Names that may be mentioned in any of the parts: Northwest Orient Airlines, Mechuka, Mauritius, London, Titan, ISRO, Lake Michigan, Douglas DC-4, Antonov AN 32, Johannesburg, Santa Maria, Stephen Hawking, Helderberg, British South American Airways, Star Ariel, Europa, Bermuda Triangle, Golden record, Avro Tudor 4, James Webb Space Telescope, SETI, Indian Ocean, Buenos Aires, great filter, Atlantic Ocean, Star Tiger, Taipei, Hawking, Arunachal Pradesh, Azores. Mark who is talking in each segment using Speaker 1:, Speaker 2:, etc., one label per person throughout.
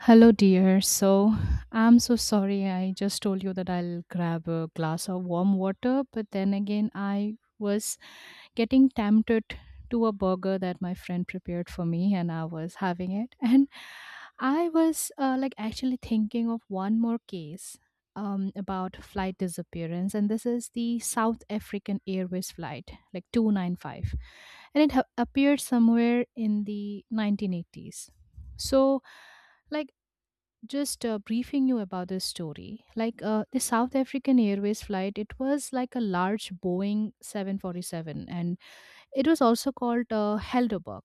Speaker 1: Hello, dear. So, I'm so sorry. I just told you that I'll grab a glass of warm water, but then again, I was getting tempted to a burger that my friend prepared for me, and I was having it. And I was like actually thinking of one more case about flight disappearance, and this is the South African Airways flight, like 295, and it appeared somewhere in the 1980s. So, like just briefing you about this story. Like the South African Airways flight, it was like a large Boeing 747, and it was also called Helderberg.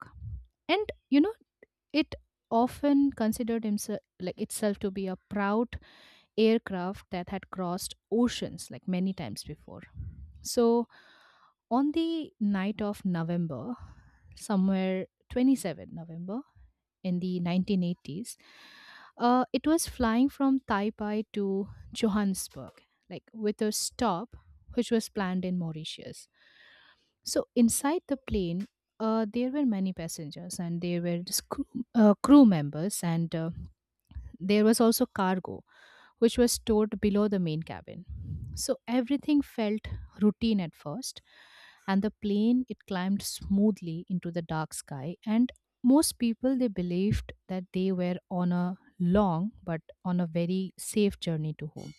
Speaker 1: And it often considered himself like itself to be a proud aircraft that had crossed oceans like many times before. So on the night of November, somewhere 27th November, in the 1980s. It was flying from Taipei to Johannesburg, like with a stop which was planned in Mauritius. So inside the plane, there were many passengers and there were just crew members and there was also cargo which was stored below the main cabin. So everything felt routine at first, and the plane it climbed smoothly into the dark sky. And most people they believed that they were on a long but on a very safe journey to home.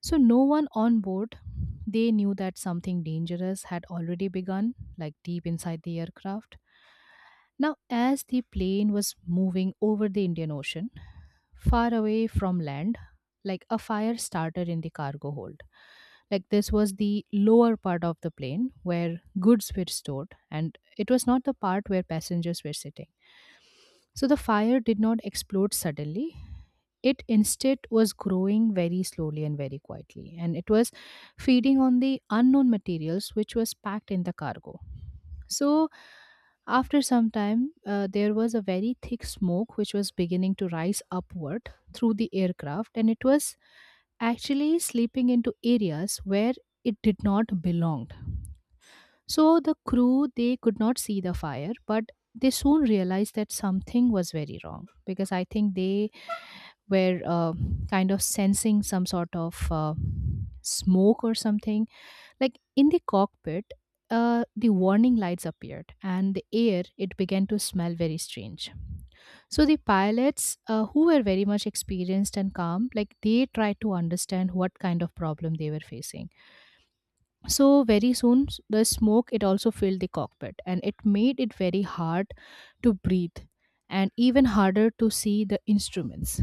Speaker 1: So no one on board they knew that something dangerous had already begun, like deep inside the aircraft now, as the plane was moving over the Indian Ocean, far away from land, like a fire started in the cargo hold. Like this was the lower part of the plane where goods were stored, and it was not the part where passengers were sitting. So the fire did not explode suddenly. It instead was growing very slowly and very quietly, and it was feeding on the unknown materials which was packed in the cargo. So, after some time, there was a very thick smoke which was beginning to rise upward through the aircraft, and it was actually sleeping into areas where it did not belong. So the crew they could not see the fire, but they soon realized that something was very wrong because I think they were kind of sensing some sort of smoke or something. Like in the cockpit, the warning lights appeared, and the air it began to smell very strange. So the pilots, who were very much experienced and calm, like they tried to understand what kind of problem they were facing so very the smoke it also filled the cockpit and it made it very hard to breathe and even harder to see the instruments.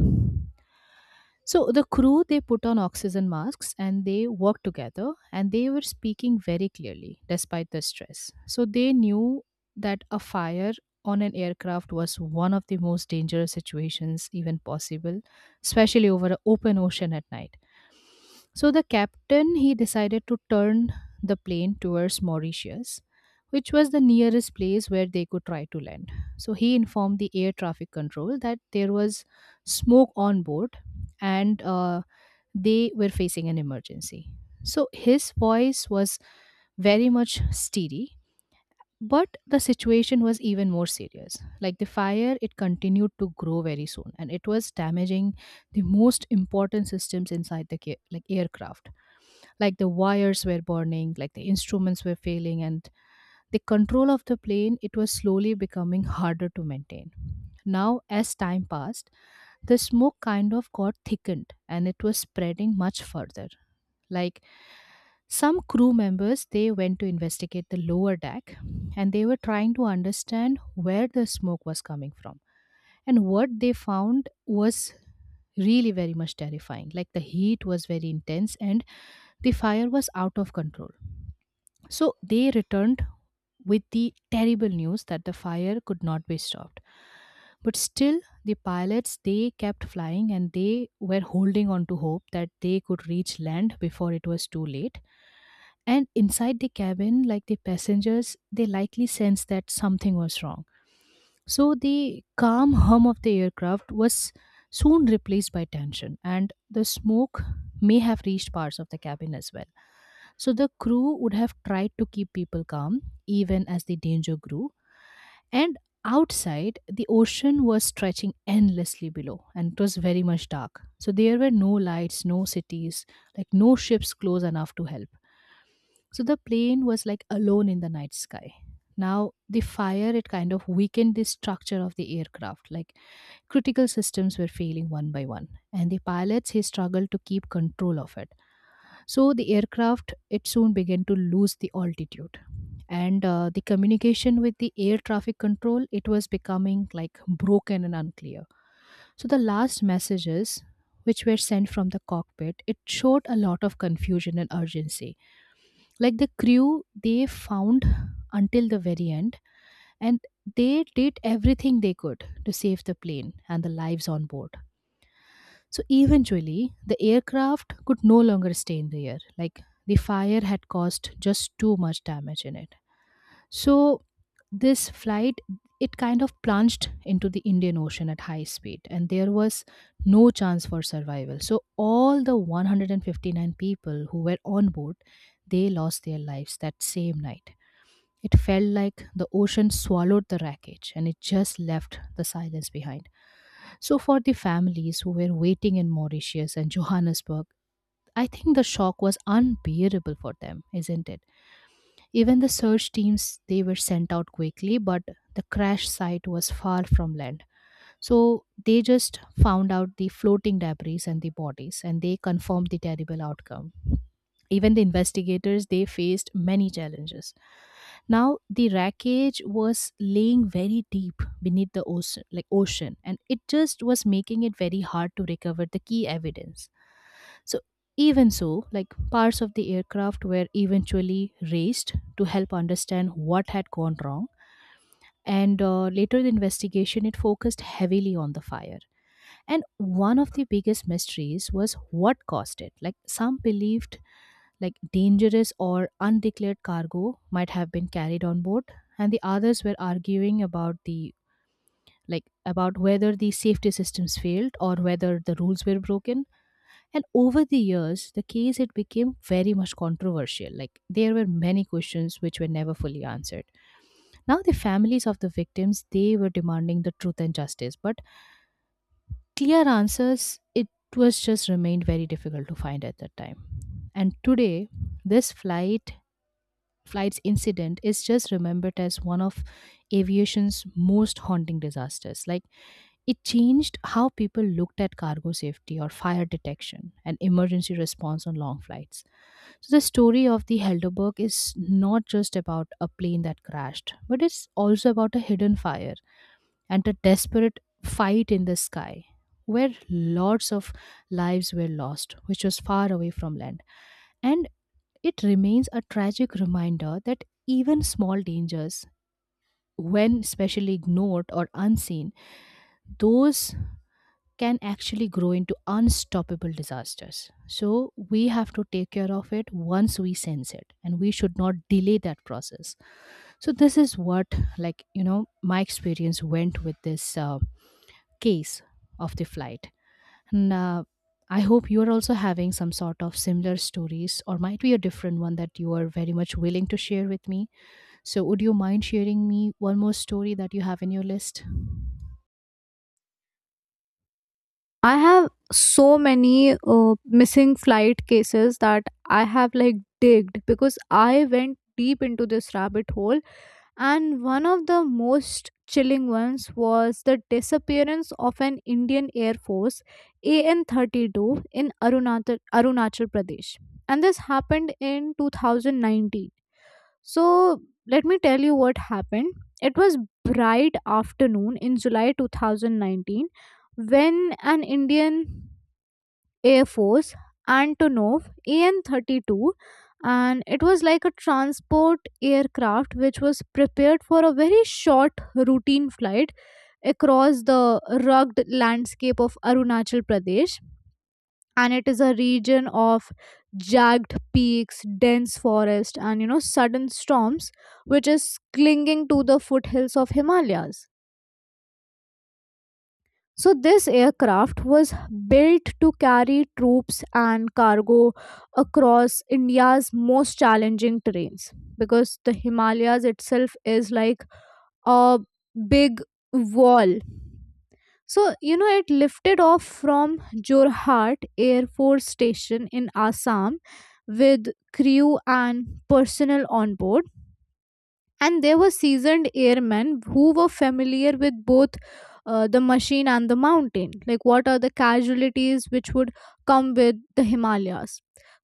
Speaker 1: So the crew they put on oxygen masks and they worked together and they were speaking very clearly despite the stress. So they knew that a fire on an aircraft was one of the most dangerous situations even possible, especially over an open ocean at night. So the captain he decided to turn the plane towards Mauritius, which was the nearest place where they could try to land. So he informed the air traffic control that there was smoke on board and they were facing an emergency. So his voice was very much steady but the situation was even more serious like the fire it continued to grow very soon and it was damaging the most important systems inside the like aircraft like the wires were burning like the instruments were failing and the control of the plane it was slowly becoming harder to maintain now as time passed the smoke kind of got thickened and it was spreading much further like some crew members they went to investigate the lower deck and they were trying to understand where the smoke was coming from. And what they found was really very much terrifying. Like the heat was very intense and the fire was out of control. So they returned with the terrible news that the fire could not be stopped. But still, the pilots they kept flying and they were holding on to hope that they could reach land before it was too late. And inside the cabin, like the passengers, they likely sensed that something was wrong so the calm hum of the aircraft was soon replaced by tension, and the smoke may have reached parts of the cabin as well. So the crew would have tried to keep people calm even as the danger grew. And outside, the ocean was stretching endlessly below, and it was very much dark. So there were no lights, no cities, like no ships close enough to help. So the plane was like alone in the night sky. Now, the fire, it kind of weakened the structure of the aircraft. Like critical systems were failing one by one. And the pilots, he struggled to keep control of it. So the aircraft, it soon began to lose the altitude. And the communication with the air traffic control, it was becoming like broken and unclear. So the last messages which were sent from the cockpit, it showed a lot of confusion and urgency like the crew they found until the very end and they did everything they could to save the plane and the lives on board so eventually the aircraft could no longer stay in the air like the fire had caused just too much damage in it so this flight it kind of plunged into the Indian Ocean at high speed and there was no chance for survival so all the 159 people who were on board they lost their lives that same night it felt like the ocean swallowed the wreckage and it just left the silence behind. So, for the families who were waiting in Mauritius and Johannesburg, I think the shock was unbearable for them, isn't it? Even the search teams they were sent out quickly, but the crash site was far from land. So they just found out the floating debris and the bodies, and they confirmed the terrible outcome. Even the investigators they faced many challenges. Now the wreckage was laying very deep beneath the ocean, like ocean, and it just was making it very hard to recover the key evidence. So even so, like parts of the aircraft were eventually raised to help understand what had gone wrong. And later, the investigation it focused heavily on the fire and one of the biggest mysteries was what caused it. Like some believed like dangerous or undeclared cargo might have been carried on board and the others were arguing about the like about whether the safety systems failed or whether the rules were broken and over the years the case it became very much controversial like there were many questions which were never fully answered now the families of the victims they were demanding the truth and justice but clear answers it was just remained very difficult to find at that time and today this flight's incident is just remembered as one of aviation's most haunting disasters like it changed how people looked at cargo safety or fire detection and emergency response on long flights. So, the story of the Helderberg is not just about a plane that crashed, but it's also about a hidden fire and a desperate fight in the sky where lots of lives were lost, which was far away from land. And it remains a tragic reminder that even small dangers, when specially ignored or unseen, those can actually grow into unstoppable disasters. So we have to take care of it once we sense it, and we should not delay that process. So this is what, my experience went with this case of the flight. And I hope you are also having some sort of similar stories, or might be a different one that you are very much willing to share with me. So, would you mind sharing me one more story that you have in your list?
Speaker 2: I have so many missing flight cases that I have digged because I went deep into this rabbit hole. And one of the most chilling ones was the disappearance of an Indian Air Force AN 32 in Arunachal Pradesh. And this happened in 2019. So let me tell you what happened. It was bright afternoon in July 2019 when an Indian Air Force Antonov AN 32, and it was like a transport aircraft which was prepared for a very short routine flight across the rugged landscape of Arunachal Pradesh. And it is a region of jagged peaks, dense forest, and sudden storms, which is clinging to the foothills of Himalayas. So this aircraft was built to carry troops and cargo across India's most challenging terrains because the Himalayas itself is like a big wall. So, you know, it lifted off from Jorhat Air Force Station in Assam with crew and personnel on board, and there were seasoned airmen who were familiar with both the machine and the mountain, like what are the casualties which would come with the Himalayas.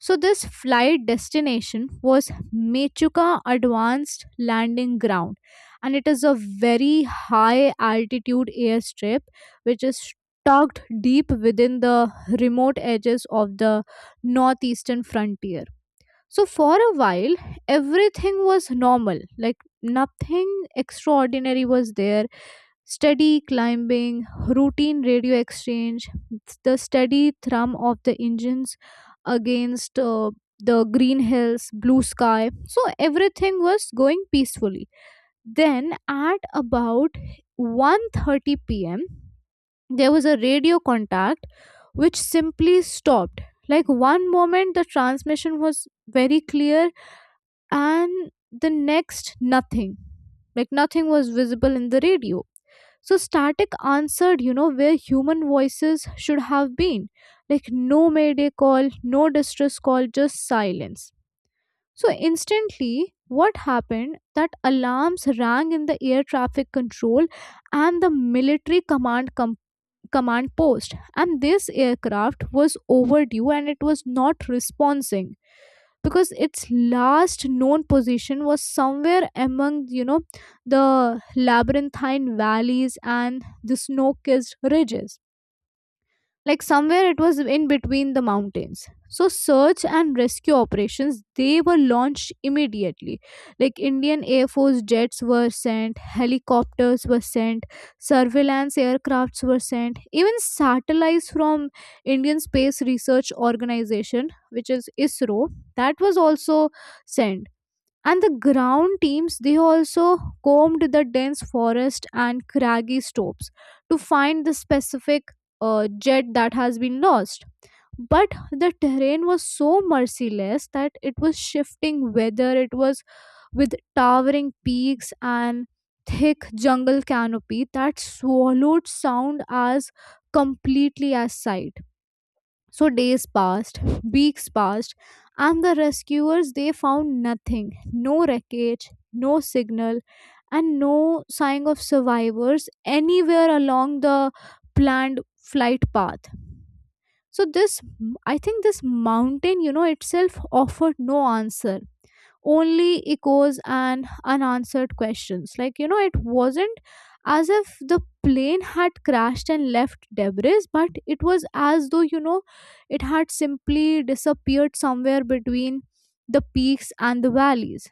Speaker 2: So this flight destination was Mechuka Advanced Landing Ground, and it is a very high altitude airstrip which is tucked deep within the remote edges of the northeastern frontier. So for a while, everything was normal. Like nothing extraordinary was there. Steady climbing, routine radio exchange, the steady thrum of the engines against the green hills, blue sky. So everything was going peacefully. Then at about 1:30 p.m., there was a radio contact which simply stopped. Like one moment the transmission was very clear and the next nothing, like nothing was visible in the radio. So static answered, you know, where human voices should have been. Like no mayday call, no distress call, just silence. So instantly what happened that alarms rang in the air traffic control and the military command post, and this aircraft was overdue and it was not responding because its last known position was somewhere among, you know, the labyrinthine valleys and the snow-kissed ridges. Like somewhere it was in between the mountains. So search and rescue operations, they were launched immediately. Like Indian Air Force jets were sent, helicopters were sent, surveillance aircrafts were sent, even satellites from Indian Space Research Organization, which is ISRO, that was also sent. And the ground teams, they also combed the dense forest and craggy slopes to find the specific jet that has been lost. But the terrain was so merciless that it was shifting whether it was with towering peaks and thick jungle canopy that swallowed sound as completely as sight. So days passed, weeks passed, and the rescuers they found nothing, no wreckage, no signal, and no sign of survivors anywhere along the planned flight path. So this I think this mountain, you know, itself offered no answer, only echoes and unanswered questions. Like, you know, it wasn't as if the plane had crashed and left debris, but it was as though, you know, it had simply disappeared somewhere between the peaks and the valleys,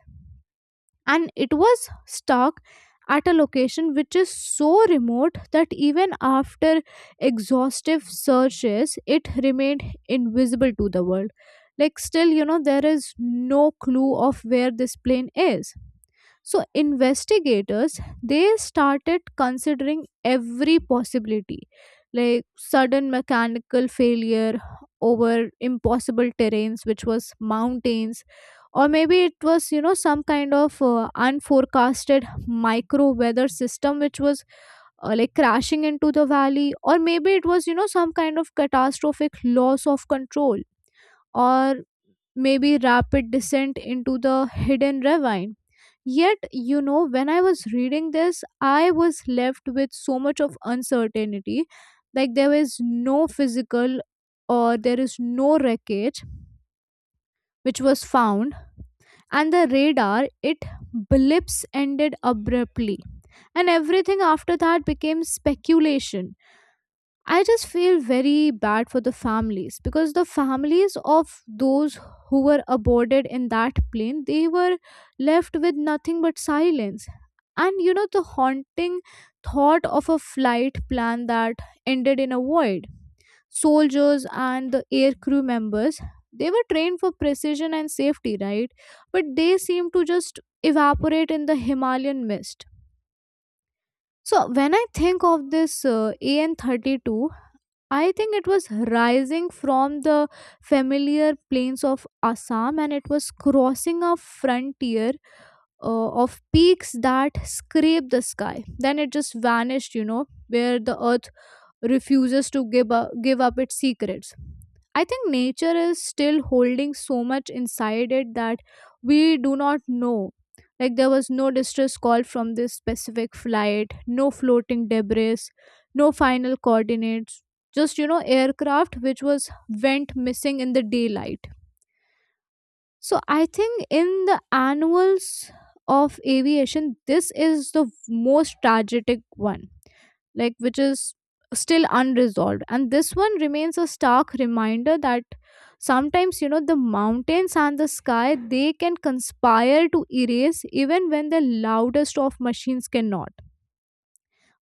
Speaker 2: and it was stuck at a location which is so remote that even after exhaustive searches it remained invisible to the world. Like still, you know, there is no clue of where this plane is. So investigators, they started considering every possibility, like sudden mechanical failure over impossible terrains which was mountains, or maybe it was, you know, some kind of unforecasted micro weather system which was like crashing into the valley, or maybe it was, you know, some kind of catastrophic loss of control, or maybe rapid descent into the hidden ravine. Yet, you know, when I was reading this, I was left with so much of uncertainty. Like, there is no physical, or there is no wreckage which was found, and the radar, it blips ended abruptly. And everything after that became speculation. I just feel very bad for the families because the families of those who were aborted in that plane, they were left with nothing but silence. And you know the haunting thought of a flight plan that ended in a void. Soldiers and the air crew members, they were trained for precision and safety, right? But they seem to just evaporate in the Himalayan mist. So when I think of this AN32, I think it was rising from the familiar plains of Assam, and it was crossing a frontier of peaks that scraped the sky. Then it just vanished, you know, where the earth refuses to give up its secrets. I think nature is still holding so much inside it that we do not know. Like there was no distress call from this specific flight, no floating debris, no final coordinates, just, you know, aircraft which was went missing in the daylight. So I think in the annuals of aviation, this is the most tragic one, like which is still unresolved. And this one remains a stark reminder that sometimes, you know, the mountains and the sky they can conspire to erase even when the loudest of machines cannot.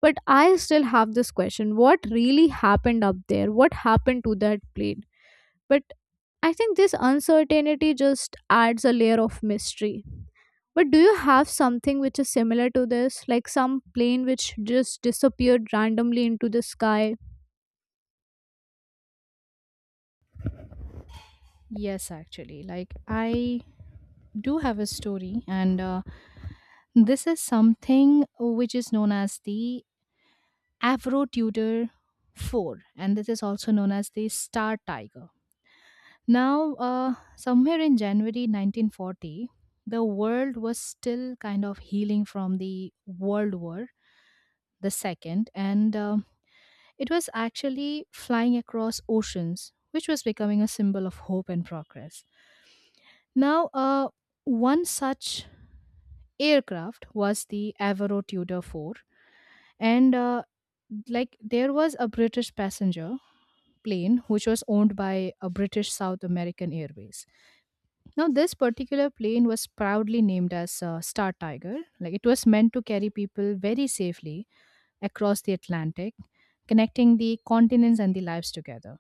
Speaker 2: But I still have this question. What really happened up there? What happened to that plane? But I think this uncertainty just adds a layer of mystery. But do you have something which is similar to this? Like some plane which just disappeared randomly into the sky?
Speaker 1: Yes, actually. Like, I do have a story, and this is something which is known as the Avro Tudor 4, and this is also known as the Star Tiger. Now, somewhere in January 1940, the world was still kind of healing from the World War the second, and it was actually flying across oceans, which was becoming a symbol of hope and progress. Now, one such aircraft was the Avro Tudor 4, and like there was a British passenger plane which was owned by a British South American Airways. Now, this particular plane was proudly named as Star Tiger. Like it was meant to carry people very safely across the Atlantic, connecting the continents and the lives together.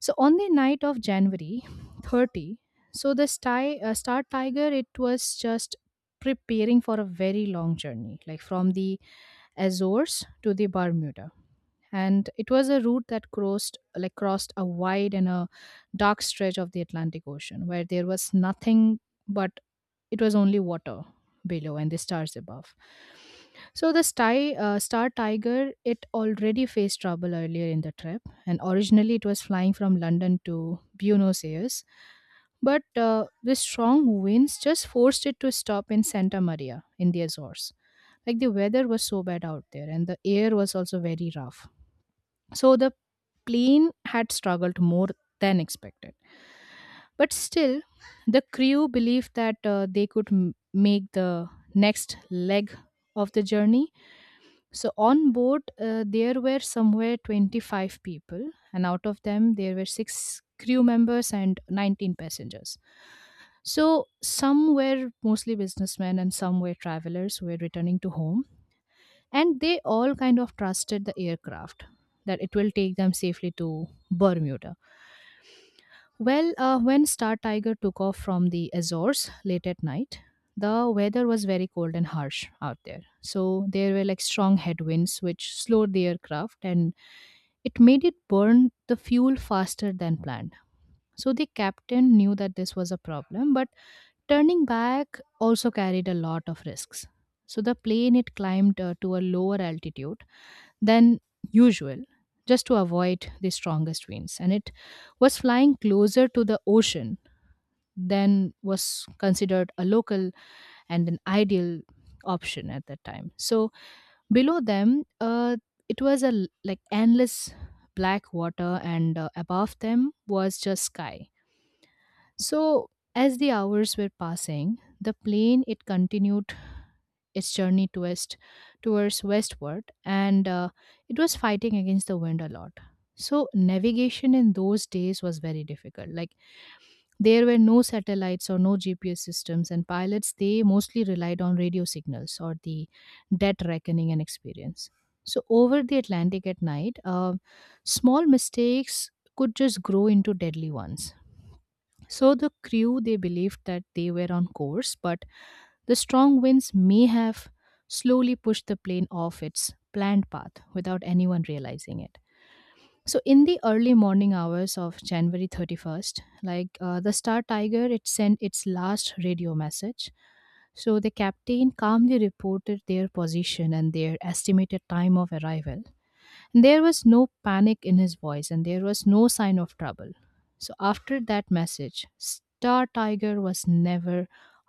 Speaker 1: So on the night of January 30, Star Tiger, it was just preparing for a very long journey, like from the Azores to the Bermuda, and it was a route that crossed a wide and a dark stretch of the Atlantic Ocean where there was nothing but it was only water below and the stars above. So Star Tiger, it already faced trouble earlier in the trip, and originally it was flying from London to Buenos Aires, but the strong winds just forced it to stop in Santa Maria in the Azores. Like the weather was so bad out there, and the air was also very rough. So the plane had struggled more than expected. But still, the crew believed that they could make the next leg of the journey. So on board, there were somewhere 25 people, and out of them, there were six crew members and 19 passengers. So some were mostly businessmen and some were travelers who were returning to home, and they all kind of trusted the aircraft that it will take them safely to Bermuda. Well, when Star Tiger took off from the Azores late at night, the weather was very cold and harsh out there. So there were like strong headwinds which slowed the aircraft and it made it burn the fuel faster than planned. So the captain knew that this was a problem, but turning back also carried a lot of risks. So the plane, it climbed to a lower altitude than usual just to avoid the strongest winds, and it was flying closer to the ocean than was considered a local and an ideal option at that time. So below them, it was a like endless black water, and above them was just sky. So as the hours were passing, the plane it continued its journey to west, towards westward, and it was fighting against the wind a lot. So navigation in those days was very difficult. Like there were no satellites or no GPS systems, and pilots they mostly relied on radio signals or the dead reckoning and experience. So over the Atlantic at night, small mistakes could just grow into deadly ones. So the crew they believed that they were on course, but the strong winds may have slowly pushed the plane off its planned path without anyone realizing it. So in the early morning hours of January 31st, like the Star Tiger, it sent its last radio message. So the captain calmly reported their position and their estimated time of arrival. There was no panic in his voice and there was no sign of trouble. So after that message, Star Tiger was never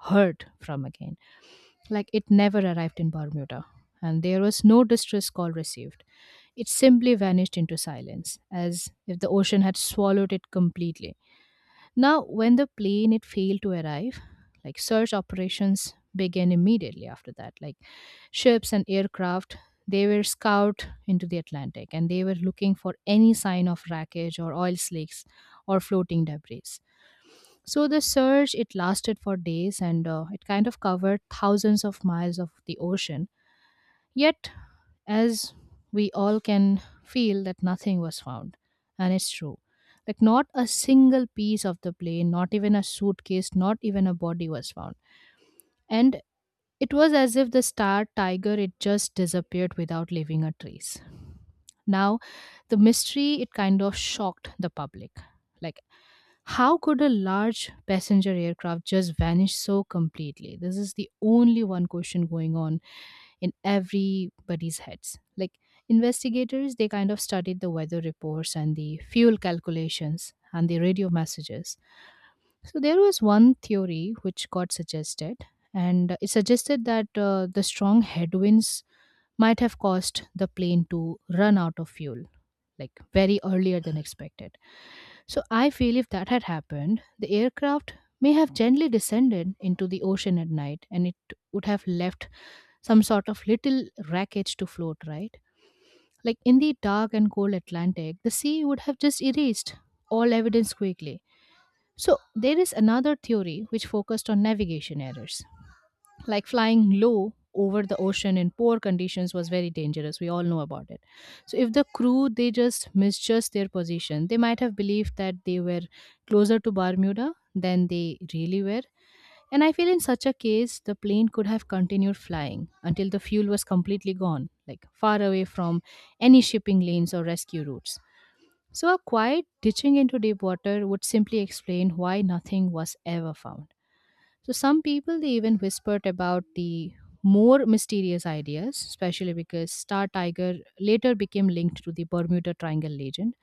Speaker 1: heard from again. Like it never arrived in Bermuda. And there was no distress call received. It simply vanished into silence, as if the ocean had swallowed it completely. Now, when the plane it failed to arrive, like search operations began immediately after that. Like ships and aircraft, they were scoured into the Atlantic and they were looking for any sign of wreckage or oil slicks or floating debris. So the search it lasted for days, and it kind of covered thousands of miles of the ocean. Yet, as we all can feel that nothing was found, and it's true. Like, not a single piece of the plane, not even a suitcase, not even a body was found. And it was as if the Star Tiger, it just disappeared without leaving a trace. Now, the mystery, it kind of shocked the public. Like, how could a large passenger aircraft just vanish so completely? This is the only one question going on in everybody's heads. Like investigators, they kind of studied the weather reports and the fuel calculations and the radio messages. So there was one theory which got suggested, and it suggested that the strong headwinds might have caused the plane to run out of fuel, like very earlier than expected. So I feel if that had happened, the aircraft may have gently descended into the ocean at night, and it would have left some sort of little wreckage to float, right? Like in the dark and cold Atlantic, the sea would have just erased all evidence quickly. So, there is another theory which focused on navigation errors. Like flying low over the ocean in poor conditions was very dangerous. We all know about it. So, if the crew they just misjudged their position, they might have believed that they were closer to Bermuda than they really were, and I feel in such a case, the plane could have continued flying until the fuel was completely gone, like far away from any shipping lanes or rescue routes. So, a quiet ditching into deep water would simply explain why nothing was ever found. So, some people they even whispered about the more mysterious ideas, especially because Star Tiger later became linked to the Bermuda Triangle legend.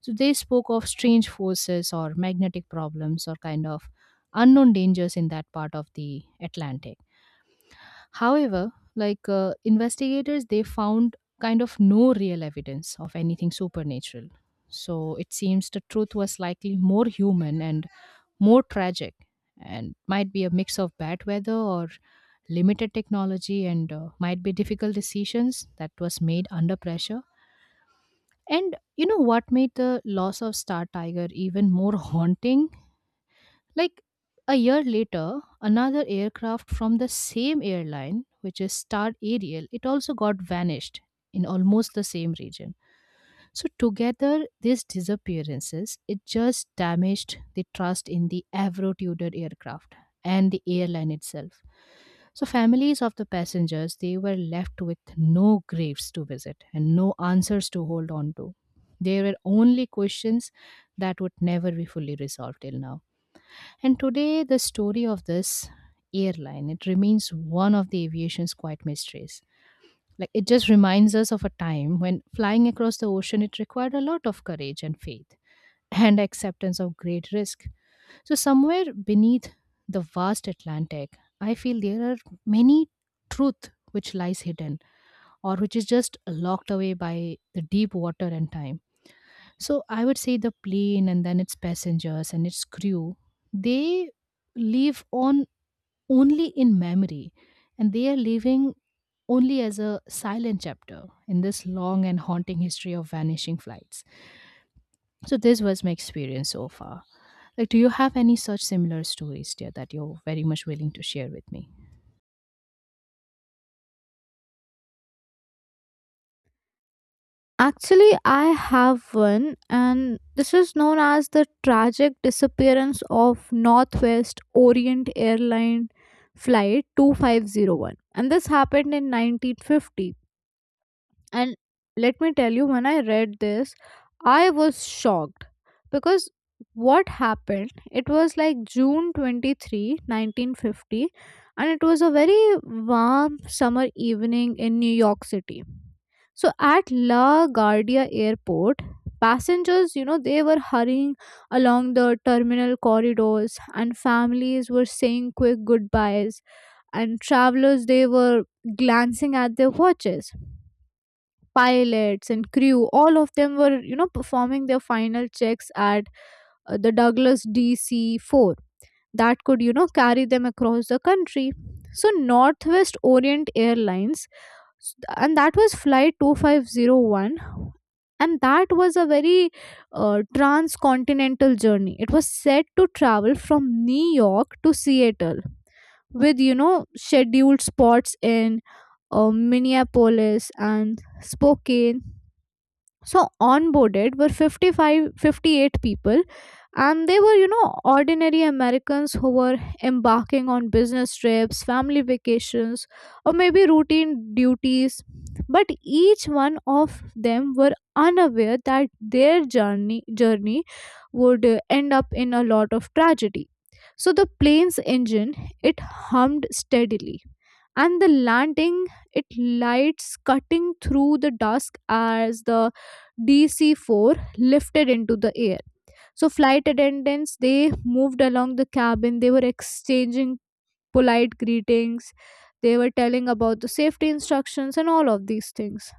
Speaker 1: So they spoke of strange forces or magnetic problems or kind of unknown dangers in that part of the Atlantic. However, like investigators, they found kind of no real evidence of anything supernatural. So it seems the truth was likely more human and more tragic, and might be a mix of bad weather or limited technology, and might be difficult decisions that was made under pressure. And you know what made the loss of Star Tiger even more haunting? Like a year later, another aircraft from the same airline, which is Star Ariel, it also got vanished in almost the same region. So together, these disappearances it just damaged the trust in the Avro Tudor aircraft and the airline itself. So families of the passengers they were left with no graves to visit and no answers to hold on to. They were only questions that would never be fully resolved till now. And today, the story of this airline it remains one of the aviation's quiet mysteries. Like it just reminds us of a time when flying across the ocean it required a lot of courage and faith and acceptance of great risk. So somewhere beneath the vast Atlantic, I feel there are many truth which lies hidden or which is just locked away by the deep water and time. So I would say the plane and then its passengers and its crew, they live on only in memory, and they are living only as a silent chapter in this long and haunting history of vanishing flights. So this was my experience so far. Like do you have any such similar stories dear that you're very much willing to share with me?
Speaker 2: Actually, I have one, and this is known as the tragic disappearance of Northwest Orient Airline Flight 2501. And this happened in 1950. And let me tell you, when I read this, I was shocked because what happened? It was like June 23, 1950, and it was a very warm summer evening in New York City. So at La Guardia Airport, passengers, you know, they were hurrying along the terminal corridors, and families were saying quick goodbyes, and travelers, they were glancing at their watches. Pilots and crew, all of them were, you know, performing their final checks at the Douglas DC-4 that could, you know, carry them across the country. So Northwest Orient and that was flight 2501, and that was a very transcontinental journey. It was set to travel from New York to Seattle with, you know, scheduled spots in Minneapolis and Spokane. So onboarded were 55, 58 people, and they were, you know, ordinary Americans who were embarking on business trips, family vacations, or maybe routine duties. But each one of them were unaware that their journey would end up in a lot of tragedy. So the plane's engine, it hummed steadily, and the landing, it lights cutting through the dusk as the DC-4 lifted into the air. So flight attendants, they moved along the cabin. They were exchanging polite greetings. They were telling about the safety instructions and all of these things.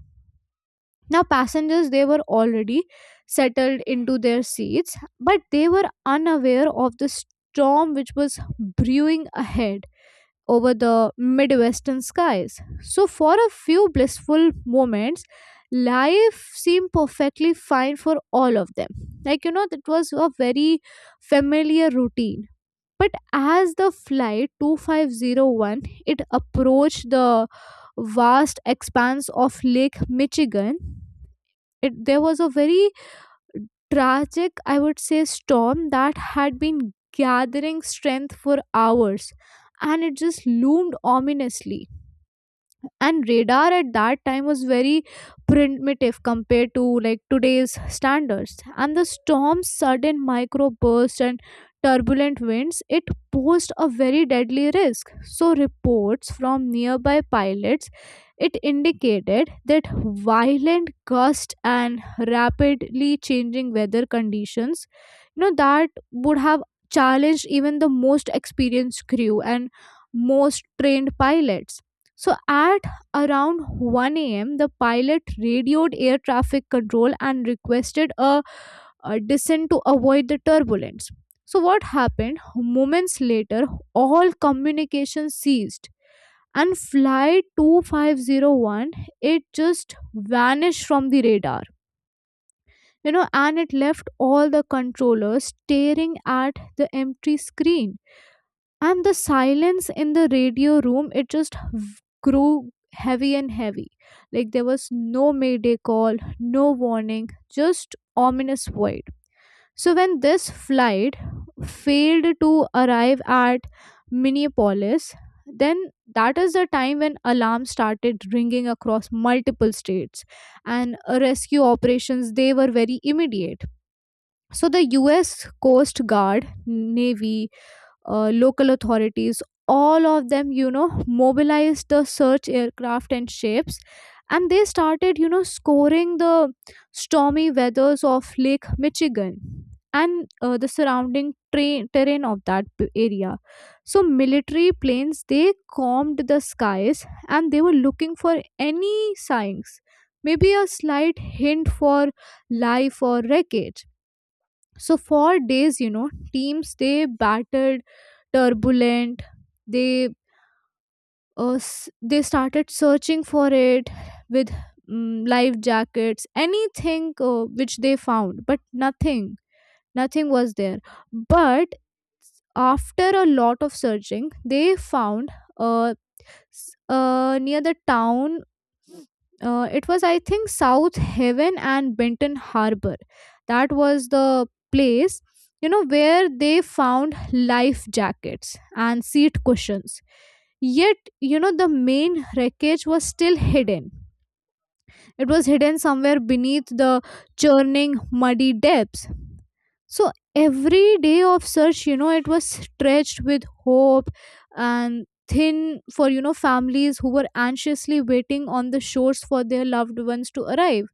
Speaker 2: Now passengers, they were already settled into their seats, but they were unaware of the storm which was brewing ahead over the Midwestern skies. So, for a few blissful moments, life seemed perfectly fine for all of them. Like, you know, that was a very familiar routine. But as the flight 2501 it approached the vast expanse of Lake Michigan, it, there was a very tragic, I would say, storm that had been gathering strength for hours, and it just loomed ominously. And radar at that time was very primitive compared to like today's standards, and the storm's sudden micro bursts and turbulent winds, it posed a very deadly risk. So reports from nearby pilots, it indicated that violent gusts and rapidly changing weather conditions, you know, that would have challenged even the most experienced crew and most trained pilots. So at around 1 a.m., the pilot radioed air traffic control and requested a descent to avoid the turbulence. So, what happened? Moments later, all communication ceased, and flight 2501, it just vanished from the radar, you know, and it left all the controllers staring at the empty screen. And the silence in the radio room, it just grew heavy and heavy. Like there was no mayday call, no warning, just ominous void. So when this flight failed to arrive at Minneapolis, then that is the time when alarms started ringing across multiple states, and rescue operations, they were very immediate. So the US Coast Guard, Navy, local authorities, all of them, you know, mobilized the search aircraft and ships, and they started, you know, scoring the stormy weathers of Lake Michigan, and the surrounding terrain of that area. So military planes, they combed the skies and they were looking for any signs, maybe a slight hint for life or wreckage. So for days, you know, teams they battled turbulent, they they started searching for it with life jackets, anything which they found, but nothing was there. But after a lot of searching, they found a near the town. It was, I think, South Haven and Benton Harbor. That was the place, you know, where they found life jackets and seat cushions. Yet, you know, the main wreckage was still hidden. It was hidden somewhere beneath the churning, muddy depths. So every day of search, you know, it was stretched with hope and thin for, you know, families who were anxiously waiting on the shores for their loved ones to arrive.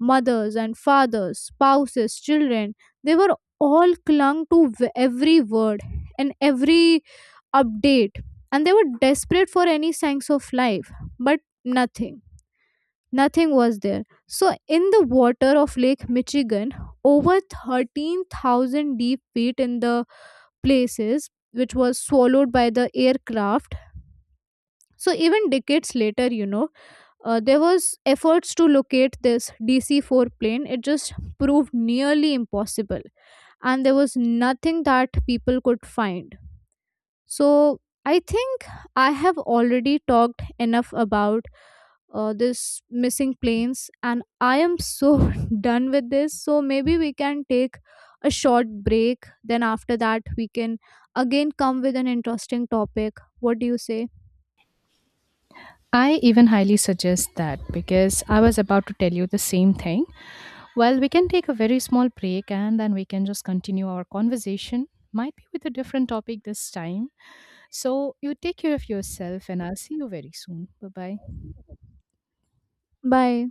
Speaker 2: Mothers and fathers, spouses, children, they were all clung to every word and every update, and they were desperate for any signs of life, but nothing was there. So, in the water of Lake Michigan, over 13,000 deep feet in the places which was swallowed by the aircraft. So, even decades later, you know, there was efforts to locate this DC-4 plane. It just proved nearly impossible, and there was nothing that people could find. So I think I have already talked enough about this missing planes, and I am so done with this. So maybe we can take a short break. Then after that, we can again come with an interesting topic. What do you say?
Speaker 1: I even highly suggest that because I was about to tell you the same thing. Well, we can take a very small break and then we can just continue our conversation. Might be with a different topic this time. So, you take care of yourself and I'll see you very soon. Bye bye.
Speaker 2: Bye.